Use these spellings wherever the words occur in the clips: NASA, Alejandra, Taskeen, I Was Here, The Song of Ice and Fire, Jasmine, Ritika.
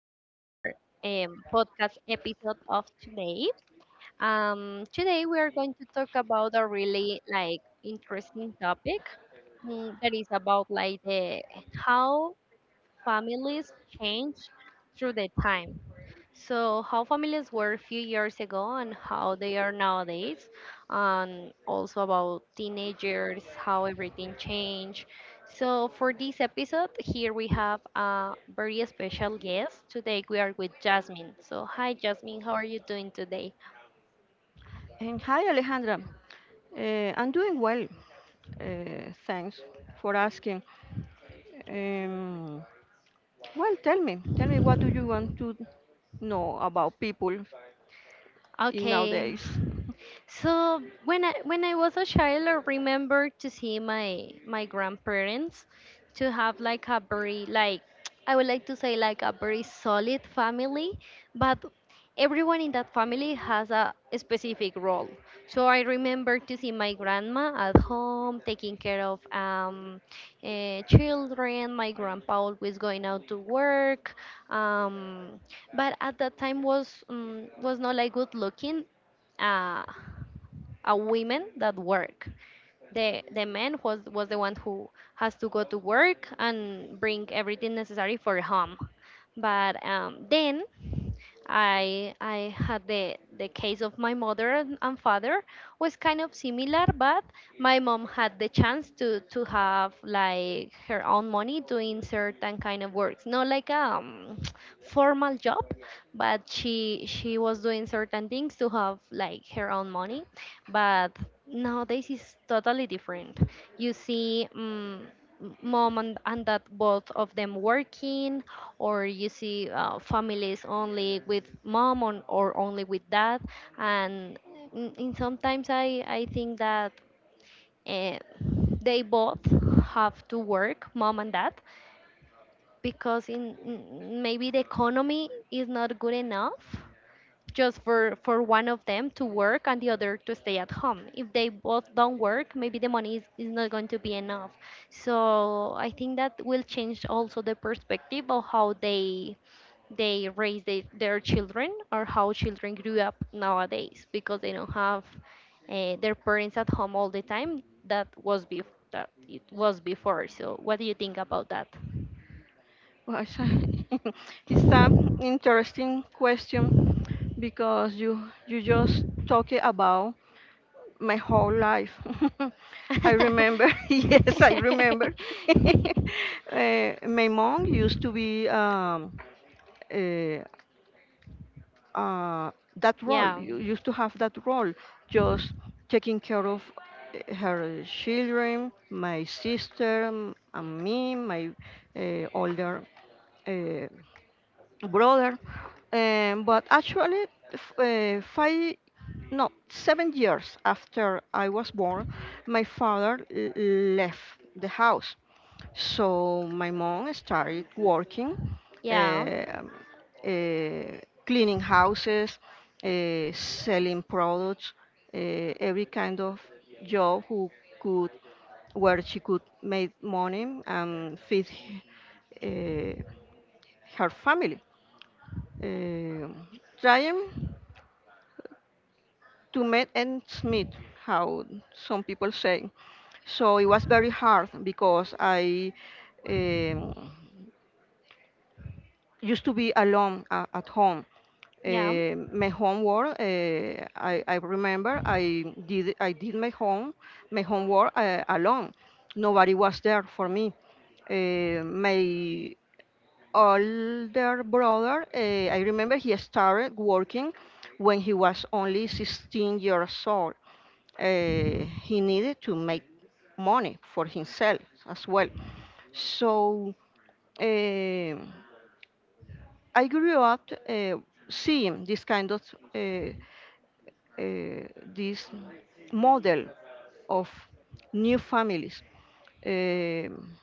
to our podcast episode of today. Today we are going to talk about a really like interesting topic, that is about like the how families change through the time. So, how families were a few years ago and how they are nowadays, and also about teenagers, how everything changed. So, for this episode, here we have a very special guest. Today, we are with Jasmine. So, hi, Jasmine, how are you doing today? And hi, Alejandra. I'm doing well. Thanks for asking. Um, well, tell me, what do you want to know about people? Okay. So when I was a child, I remember to see my grandparents to have like a very like I would like to say like a very solid family, but everyone in that family has a specific role. So I remember to see my grandma at home taking care of children. My grandpa always going out to work. um, but at that time was not like good looking. Uh, a women that work. The man was the one who has to go to work and bring everything necessary for home. But then I had the case of my mother and father was kind of similar, but my mom had the chance to have like her own money doing certain kind of works, not like formal job, but she was doing certain things to have like her own money, but nowadays it's totally different. You see, mom and dad both of them working, or you see families only with mom on, or only with dad, and in sometimes I think that uh, they both have to work, mom and dad, because maybe the economy is not good enough just for one of them to work and the other to stay at home. If they both don't work, maybe the money is not going to be enough. So I think that will change also the perspective of how they raise their children, or how children grew up nowadays because they don't have their parents at home all the time that was that it was before. So what do you think about that? Well, it's an interesting question because you just talk about my whole life. I remember, yes, I remember. uh, my mom used to be uh, that role. yeah, You used to have that role, just taking care of her children, my sister, and me, my older uh, brother. But actually, five, no, 7 years after I was born, my father left the house. So my mom started working, yeah, um, uh, cleaning houses, selling products, uh, every kind of job who could where she could make money and feed uh, her family, uh, trying to make ends meet, how some people say. So it was very hard because I um, used to be alone at home. yeah. My homework, I remember I did my home my homework alone. Nobody was there for me. My older brother, I remember he started working when he was only 16 years old. He needed to make money for himself as well. So um I grew up, seeing this kind of uh, uh, this model of new families. Um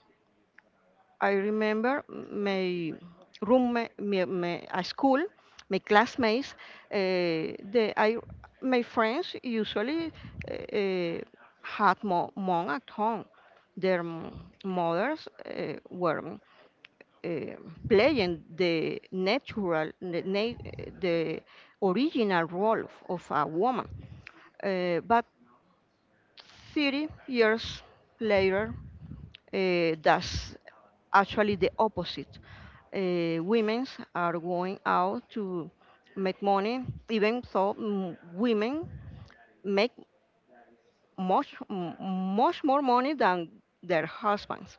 I remember my roommate, my at school, my classmates. Uh, the I My friends usually uh, had mom at home. Their mothers were uh, playing the the original role of a woman. But 30 years later, that's actually the opposite. Women's are going out to make money, even though women make much, m- much more money than their husbands,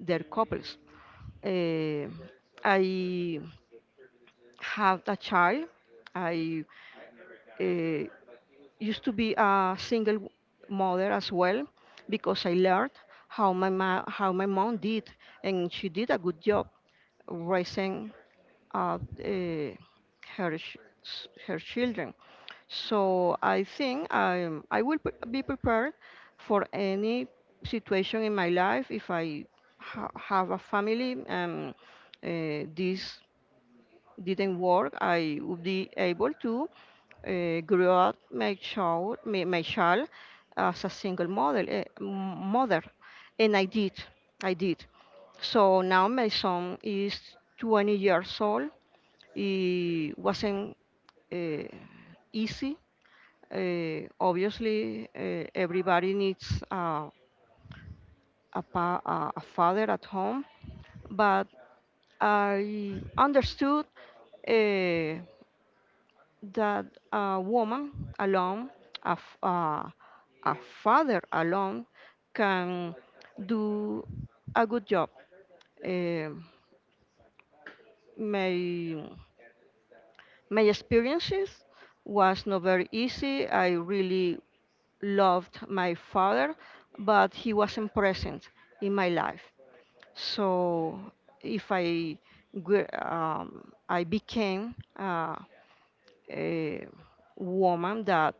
their couples. Uh, I have a child. I uh, used to be a single mother as well because I learned how my how my mom did, and she did a good job raising of her her children. So I think I will be prepared for any situation in my life if I have a family and this didn't work. I would be able to grow up my child as a single model mother, and I did. So now my son is 20 years old. It wasn't uh, easy. Obviously, everybody needs a father at home, but I understood uh, that a woman alone, a, f- uh, a father alone, can do a good job. Um my experiences was not very easy. I really loved my father, but he wasn't present in my life. So if I I became a woman that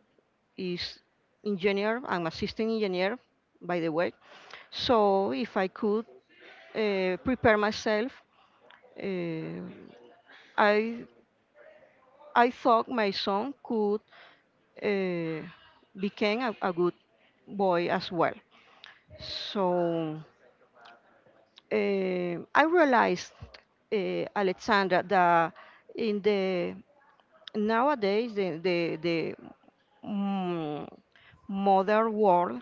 is engineer, I'm assistant engineer, by the way. So if I could prepare myself, uh, I I thought my son could uh, become a good boy as well. So I realized, eh, Alexandra, that in the nowadays the mm, modern world,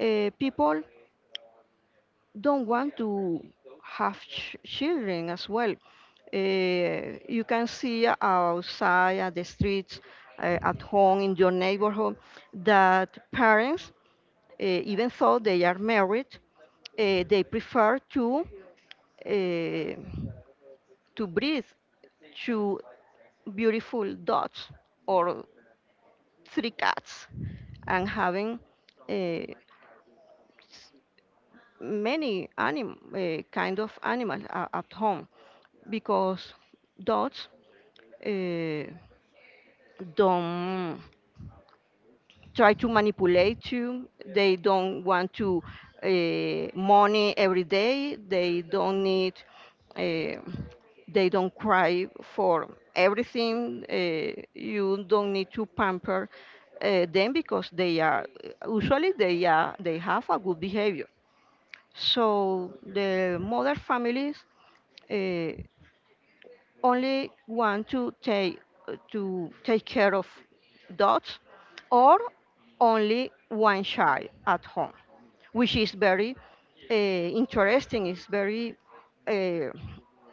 people don't want to have children as well. Eh, you can see outside at the streets, eh, at home in your neighborhood, that parents, eh, even though they are married, eh, they prefer to. eh, to breathe two beautiful dogs or three cats and having uh, kind of animals at home because dogs uh, don't try to manipulate you. They don't want to money every day. They don't need. Uh, they don't cry for everything. You don't need to pamper them because they are they have a good behavior. So the mother families. Uh, Only want to take care of dogs or only one child at home, which is very interesting. It's very uh,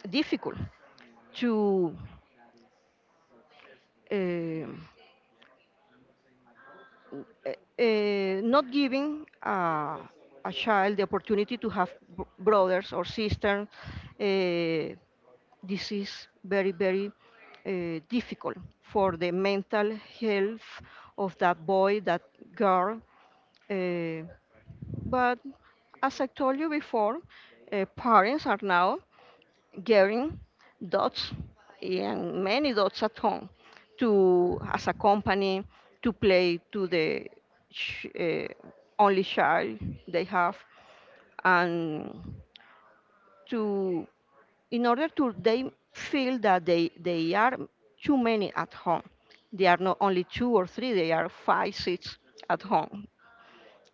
difficult to uh, uh, not giving a child the opportunity to have brothers or sisters. Uh, this is very, very difficult for the mental health of that boy, that girl. Uh, but as I told you before, parents are now getting dots and many dots at home to, as a company, to play to the ch- uh, only child they have and to in order to they feel that they are too many at home. They are not only two or three, they are five, six at home.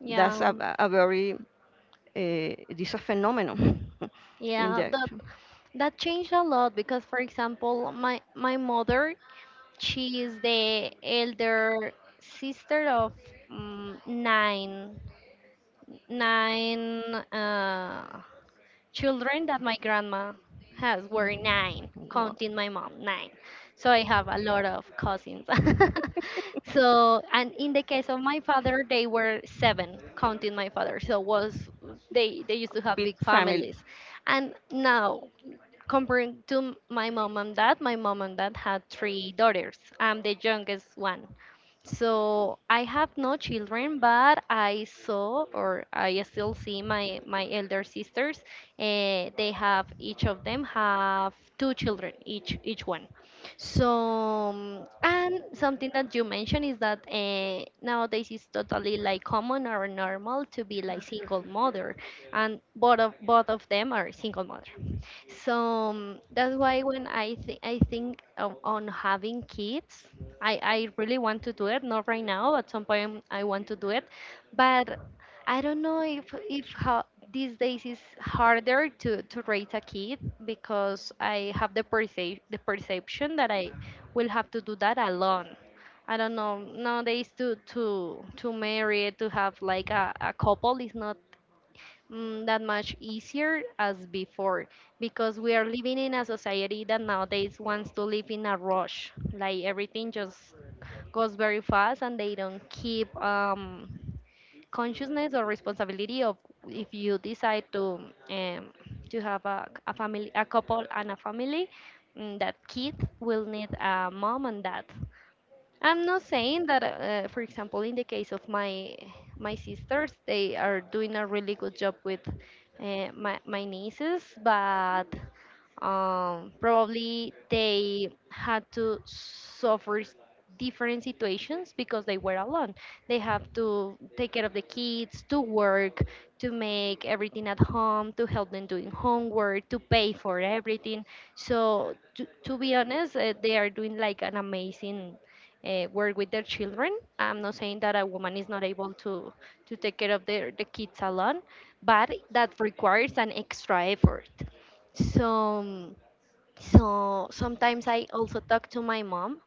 Yeah, That's a very, this is a phenomenon in yeah, the, that changed a lot because, for example, my mother, she is the elder sister of um, nine nine uh, children that my grandma has were nine, wo- counting my mom, nine. So I have a lot of cousins. So, and in the case of my father, they were seven, counting my father. So was, they used to have big big family. families. And now comparing to my mom and dad, my mom and dad had three daughters. I'm the youngest one. So I have no children, but I saw or I still see my elder sisters. They have each of them have two children each one. So, and something that you mentioned is that nowadays it's totally like common or normal to be like single mother, and both of them are single mother. So, that's why when I think on having kids, I really want to do it. Not right now. At some point, I want to do it, but I don't know if how these days is harder to raise a kid because I have the perception that I will have to do that alone. I don't know nowadays to marry to have like a couple is not, that much easier as before because we are living in a society that nowadays wants to live in a rush. Like everything just goes very fast and they don't keep consciousness or responsibility of if you decide um, to have a family, a couple and a family, that kid will need a mom and dad. I'm not saying that, for example, in the case of my sisters, they are doing a really good job with my nieces, but, probably they had to suffer different situations because they were alone. They have to take care of the kids, to work, to make everything at home, to help them doing homework, to pay for everything. So, to be honest, they are doing like an amazing work with their children. I'm not saying that a woman is not able to take care of the kids alone, but that requires an extra effort. So, um, sometimes I also talk to my mom,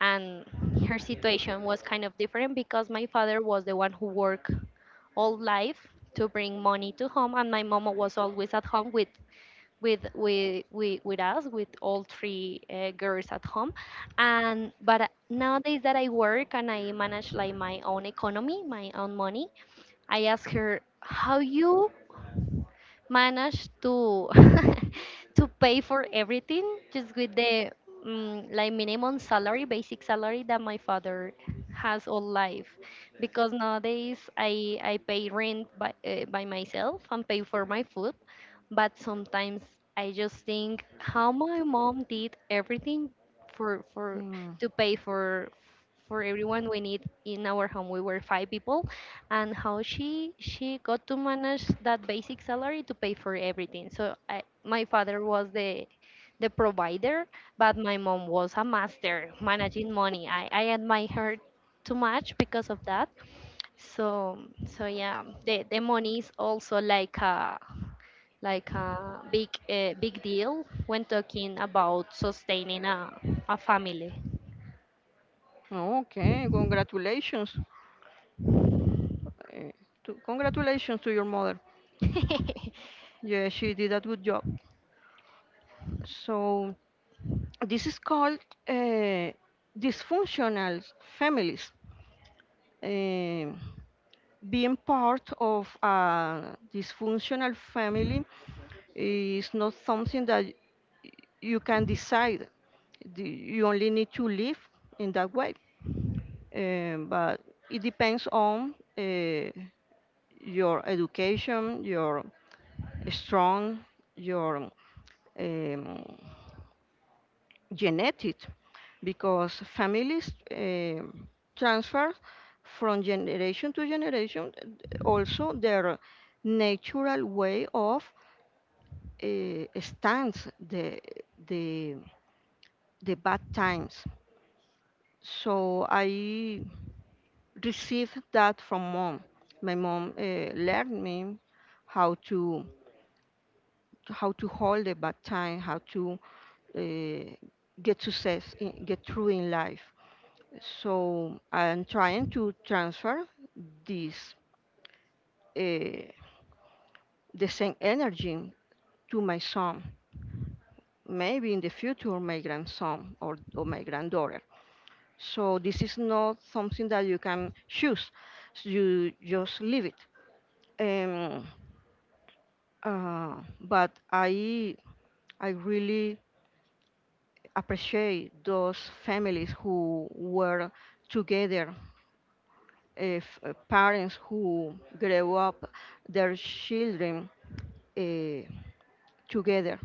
and her situation was kind of different because my father was the one who worked all life to bring money to home, and my mom was always at home with us, with all three girls at home. And but nowadays that I work and I manage like my own economy, my own money, I asked her how you manage to to pay for everything just with the, like minimum salary, basic salary that my father has all life. Because nowadays I pay rent by, by myself and pay for my food. But sometimes I just think how my mom did everything for Hmm. to pay for everyone we need in our home. We were five people, and how she got to manage that basic salary to pay for everything. My father was the provider, but my mom was a master managing money. I admire her too much because of that. So so yeah, the money is also like a like a big big deal when talking about sustaining a family. Okay, congratulations. Uh, congratulations to your mother. Yeah, she did a good job. So this is called uh, dysfunctional families. Um, Being part of a dysfunctional family is not something that you can decide. The- You only need to live in that way. But it depends on your education, your strong, your um, genetic because families transfer from generation to generation, also their natural way of stands the, the bad times. So I received that from mom. My mom learned me how to hold the bad time, how to uh, get success, in, get through in life. So I'm trying to transfer this, uh, the same energy to my son, maybe in the future my grandson or my granddaughter. So this is not something that you can choose. You just leave it. Um, but I really appreciate those families who were together, if parents who grew up their children uh, together.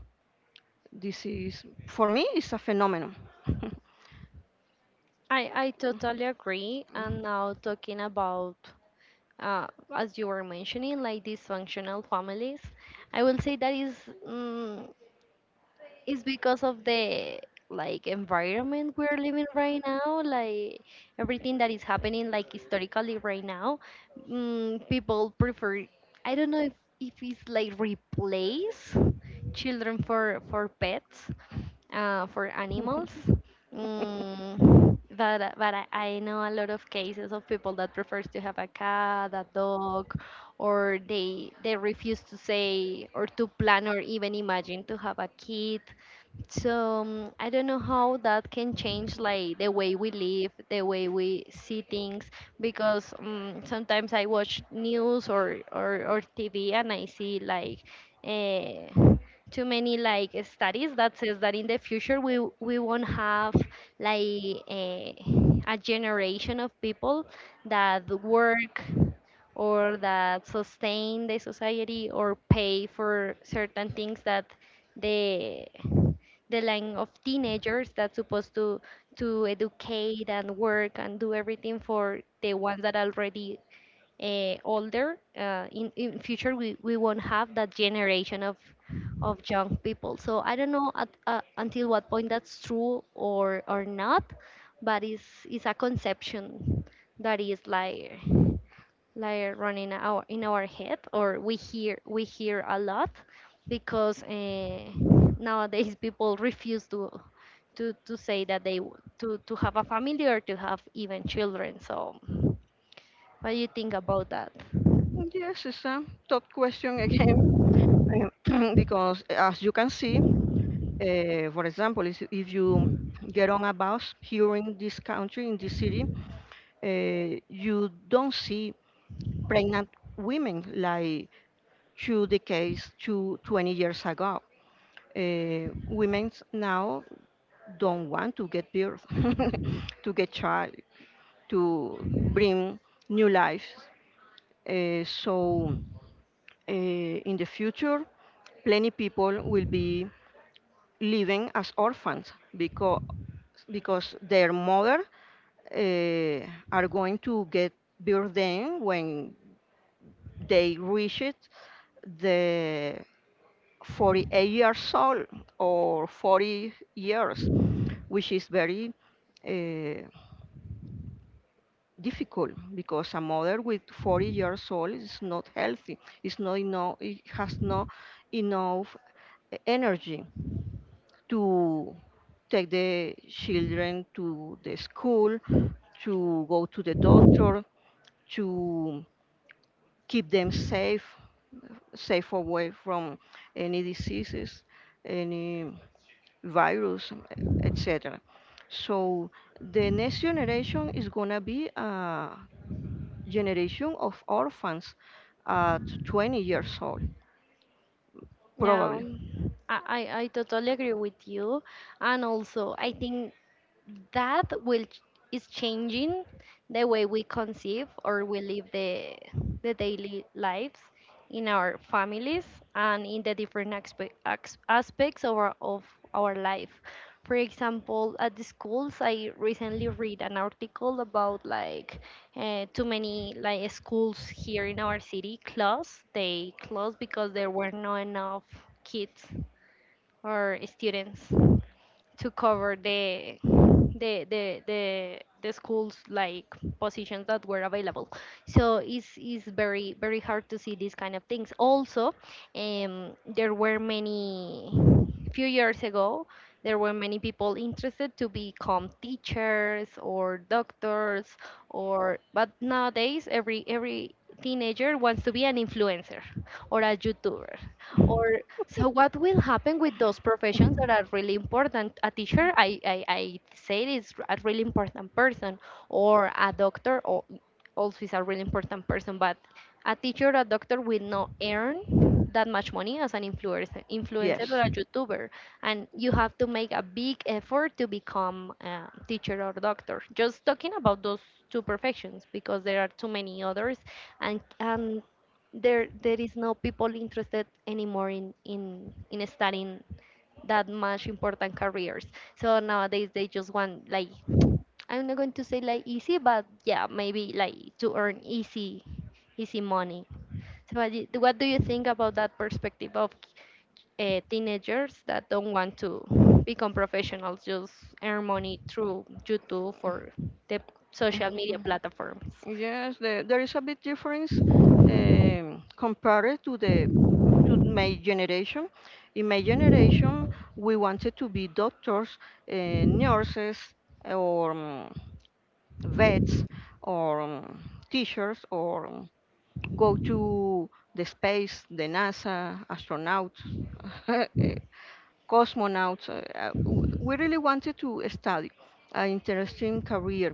This is, for me, it's a phenomenon. I totally agree. And now talking about, uh, as you were mentioning, like dysfunctional families, I will say that is. mm it's because of the like environment we're living right now, like everything that is happening like historically right now. People prefer, I don't know if it's like replace children for pets, for animals. But I know a lot of cases of people that prefers to have a cat a dog, or they refuse to say or to plan or even imagine to have a kid. So, I don't know how that can change like the way we live, the way we see things, because, sometimes I watch news or TV and I see like uh, too many like studies that says that in the future we won't have like a generation of people that work or that sustain the society or pay for certain things that the the line of teenagers that's supposed to educate and work and do everything for the ones that are already older. In future, we won't have that generation of young people. So I don't know until what point that's true or not, but it's a conception that is like running our in our head, or we hear a lot because, nowadays people refuse to say that they w- to have a family or to have even children. So, what do you think about that? Yes, it's a tough question again, because as you can see, for example, is if you get on a bus here in this country, in this city, you don't see pregnant women like two decades, case to 20 years ago. Women now don't want to get birth, to get child. To bring new lives. Uh, so in the future, plenty people will be living as orphans because their mother uh, are going to get burden when they reach it the 48 years old or 40 years, which is very uh, difficult because a mother with 40 years old is not healthy. It's not enough. It has not enough energy to take the children to the school, to go to the doctor, to keep them safe, safe away from any diseases, any virus, etc. So the next generation is gonna be generation of orphans at 20 years old, Yeah, probably. I totally agree with you, and also I think that is changing the way we conceive or we live the daily lives in our families and in the different aspects of of our life. For example, at the schools, I recently read an article about like, too many like schools here in our city closed. They closed because there were not enough kids or students to cover the schools like positions that were available. So it's very very hard to see these kind of things. Also, there were many few years ago there were many people interested to become teachers or doctors, or but nowadays every teenager wants to be an influencer or a youtuber or so what will happen with those professions that are really important? A teacher, I say is a really important person, or a doctor, or also is a really important person. But a teacher or a doctor will not earn that much money as an influencer, Yes. or a YouTuber, and you have to make a big effort to become a teacher or doctor. Just talking about those two professions because there are too many others, and there is no people interested anymore in studying that much important careers. So nowadays they just want, like, I'm not going to say like easy, but yeah, maybe like to earn easy money. So what do you think about that perspective of teenagers that don't want to become professionals, just earn money through youtube or the social media Mhm. platforms? Yes, there is a big difference compared to the to my generation. In my generation, we wanted to be doctors, uh, nurses, or vets or teachers or go to the space, the NASA, astronauts, uh, cosmonauts. We really wanted to study an interesting career.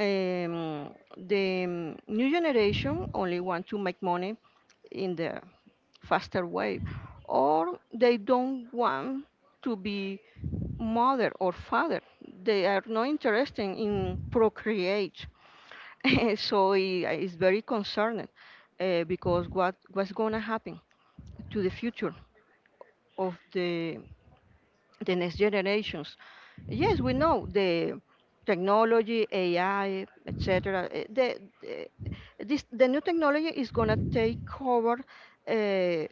The new generation only want to make money in the faster way, or they don't want to be mother or father. They are not interested in procreate. So it is very concerning because what what's gonna happen to the future of the next generations? Yes, we know the technology, AI, etc. The new technology is gonna take over uh,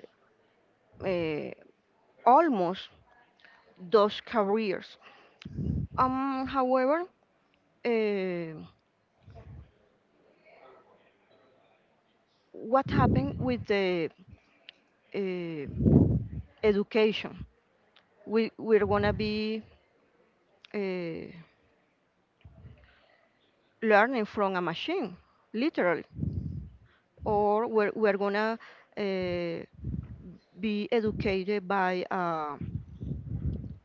uh, almost those careers. However, uh, what happened with the uh, education? We we're gonna be uh, learning from a machine, literally, or we're gonna uh, be educated by uh,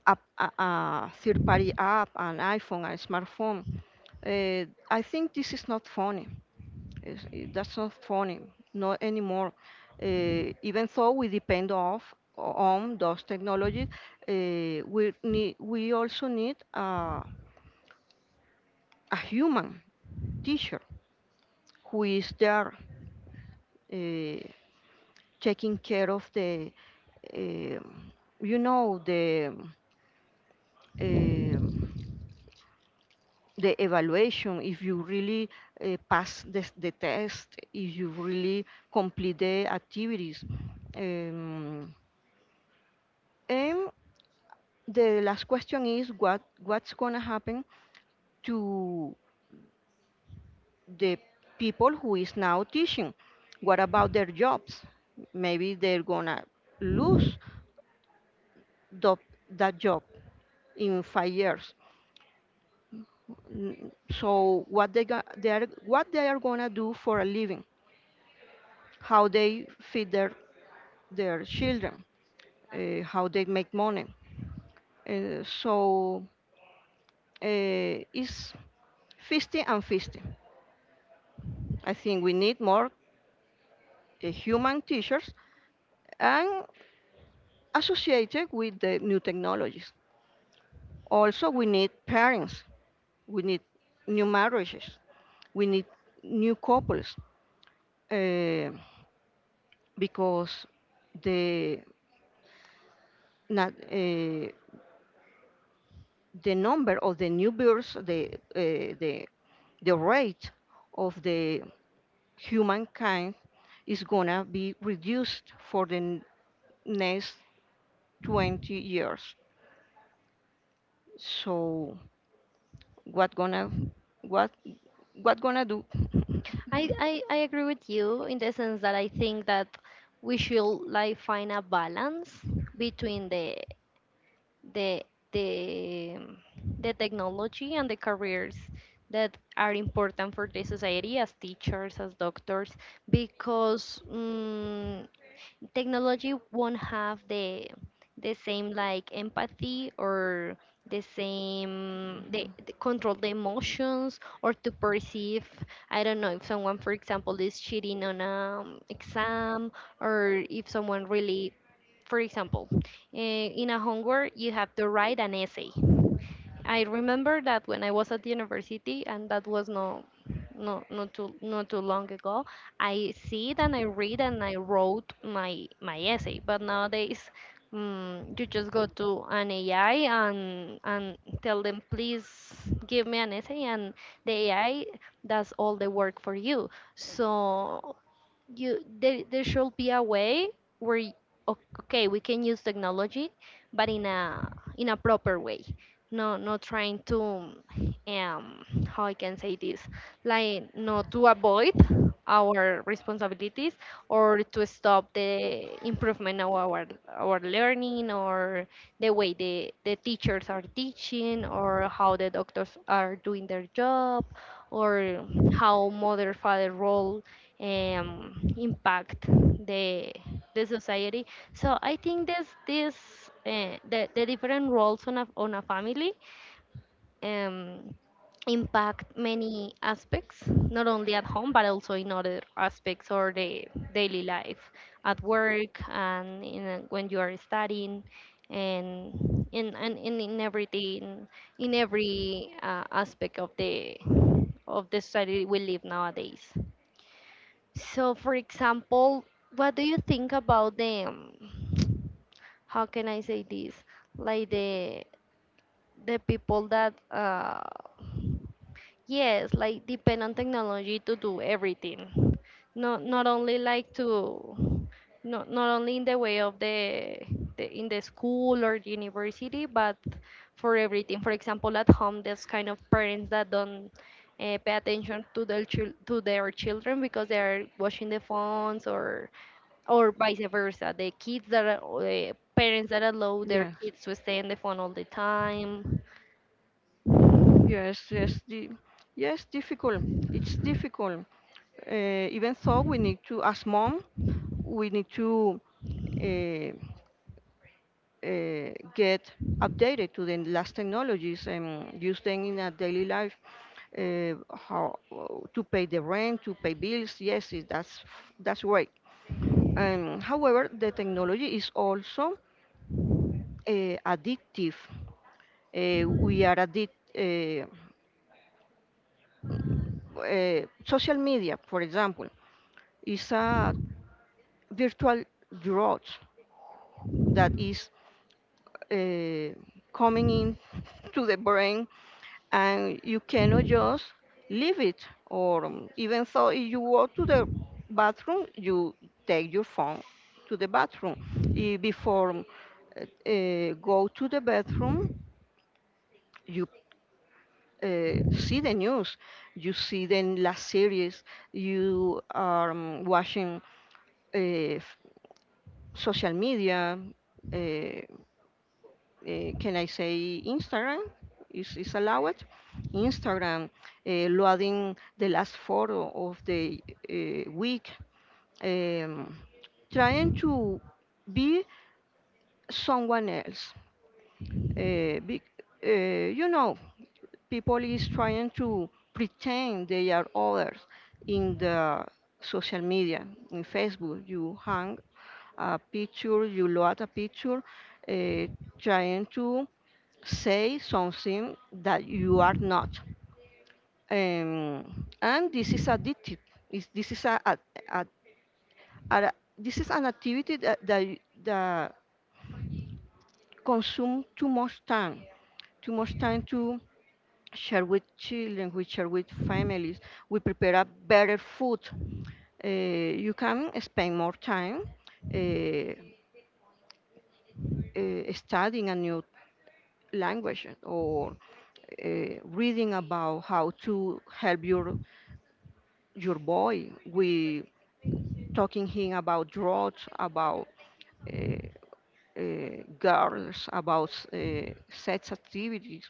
a, a, a third party app, an iPhone, a smartphone. I think this is not funny. That's not funny, not anymore. Even though we depend off on those technologies, we also need a human teacher who is there uh, taking care of the um, you know um, the evaluation, if you really pass the test, if you really complete the activities. Um, and the last question is what what's going to happen to the people who is now teaching, what about their jobs? Maybe they're going to lose the, that job in 5 years. So what they got they are what they are gonna do for a living, how they feed their children, how they make money. uh, so it's 50 and 50. I think we need more human teachers and associated with the new technologies. Also we need parents, we need new marriages, we need new couples. Uh, because the not, the number of the new births, the rate of the humankind is gonna be reduced for the next 20 years. So what gonna what what gonna do? I agree with you in the sense that I think that we should like find a balance between the the um, the technology and the careers that are important for the society, as teachers, as doctors, because technology won't have the same, like, empathy or the same Mhm. the control, the emotions, or to perceive. I don't know if someone, for example, is cheating on an exam, or if someone really, for example, in a homework you have to write an essay. I remember that when I was at university, and that was no, not too long ago. I see it and I read and I wrote my essay. But nowadays, you just go to an AI and tell them, please give me an essay, and the AI does all the work for you. So there should be a way where o- okay, we can use technology, but in a proper way. No, not trying to, um, how I can say this, like, no, to avoid our responsibilities, or to stop the improvement of our learning, or the way the teachers are teaching, or how the doctors are doing their job, or how mother, father role impact the the society. So I think there's this the different roles on a family um, impact many aspects, not only at home but also in other aspects, or the daily life, at work, and when you are studying, and in, everything, in every aspect of the society we live nowadays. So, for example, what do you think about them? How can I say this? Like the people that, yes, like depend on technology to do everything. Not only like to, not only in the way of the in the school or university, but for everything. For example, at home, there's kind of parents that don't pay attention to their children because they are watching the phones, or vice versa. The kids that are, parents that allow their Yes. kids to stay on the phone all the time. Yes, yes, the, yes, difficult. It's difficult. Uh, Even though we need to, as mom, we need to uh, get updated to the last technologies and use them in our daily life. How to pay the rent, to pay bills. Yes, that's right. However, the technology is also uh, addictive. We are addicted. Social media, for example, is a virtual drugs that is uh, coming in to the brain, and you cannot just leave it. Or even so, if you go to the bathroom you take your phone to the bathroom. If before, go to the bathroom, you see the news, you see the last series you are watching, uh, f- social media. uh, can I say Instagram is allowed? Instagram loading the last photo of the week, um, trying to be someone else. Uh, be, you know, people is trying to pretend they are others in the social media, in Facebook. You hang a picture, you load a picture, uh, trying to say something that you are not. And this is addictive. Is this is a, a- This is an activity that consume too much time to share with children, we share with families. We prepare a better food. You can spend more time uh, studying a new language or uh, reading about how to help your boy with talking him about drugs, about uh, girls, about sex activities,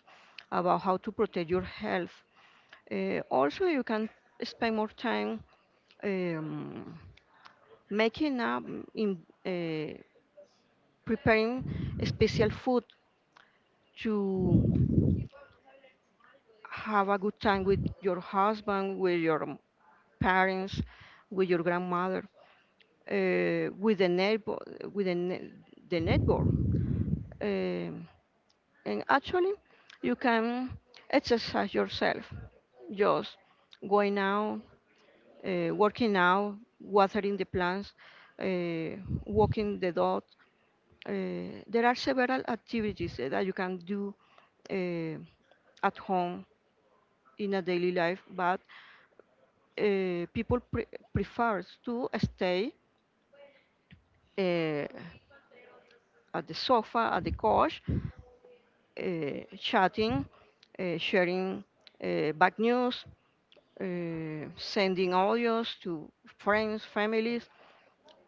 about how to protect your health. Also, you can spend more time um, making up in uh, preparing a special food to have a good time with your husband, with your parents, with your grandmother, with the neighbor, with the, ne- the neighbor. And actually, you can exercise yourself just going out, working out, watering the plants, uh, walking the dog. There are several activities that you can do uh, at home in a daily life, but people prefers to stay uh, at the sofa, at the couch, chatting, sharing bad news, sending audios to friends, families.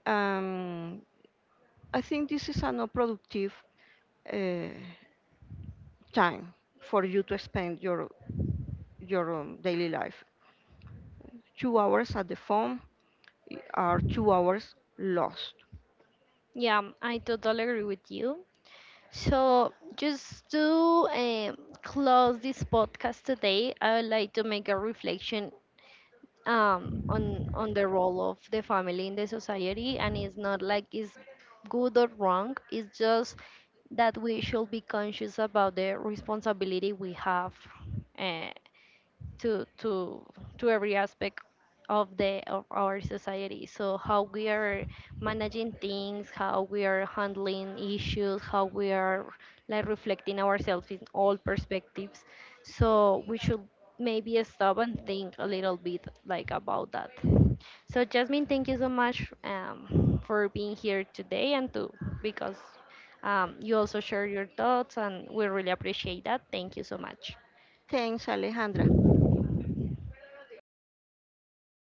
Um, I think this is a not productive uh, time for you to spend your daily life. 2 hours at the phone are 2 hours lost. Yeah, I totally agree with you. So, just to um, close this podcast today, I would like to make a reflection on the role of the family in the society, and it's not like it's good or wrong. It's just that we should be conscious about the responsibility we have, eh, to to to every aspect of the of our society. So how we are managing things, how we are handling issues, how we are, like, reflecting ourselves in all perspectives. So we should maybe stop and think a little bit like about that. So, Jasmine, thank you so much, for being here today, and to, because, you also share your thoughts, and we really appreciate that. Thank you so much. Thanks, Alejandra.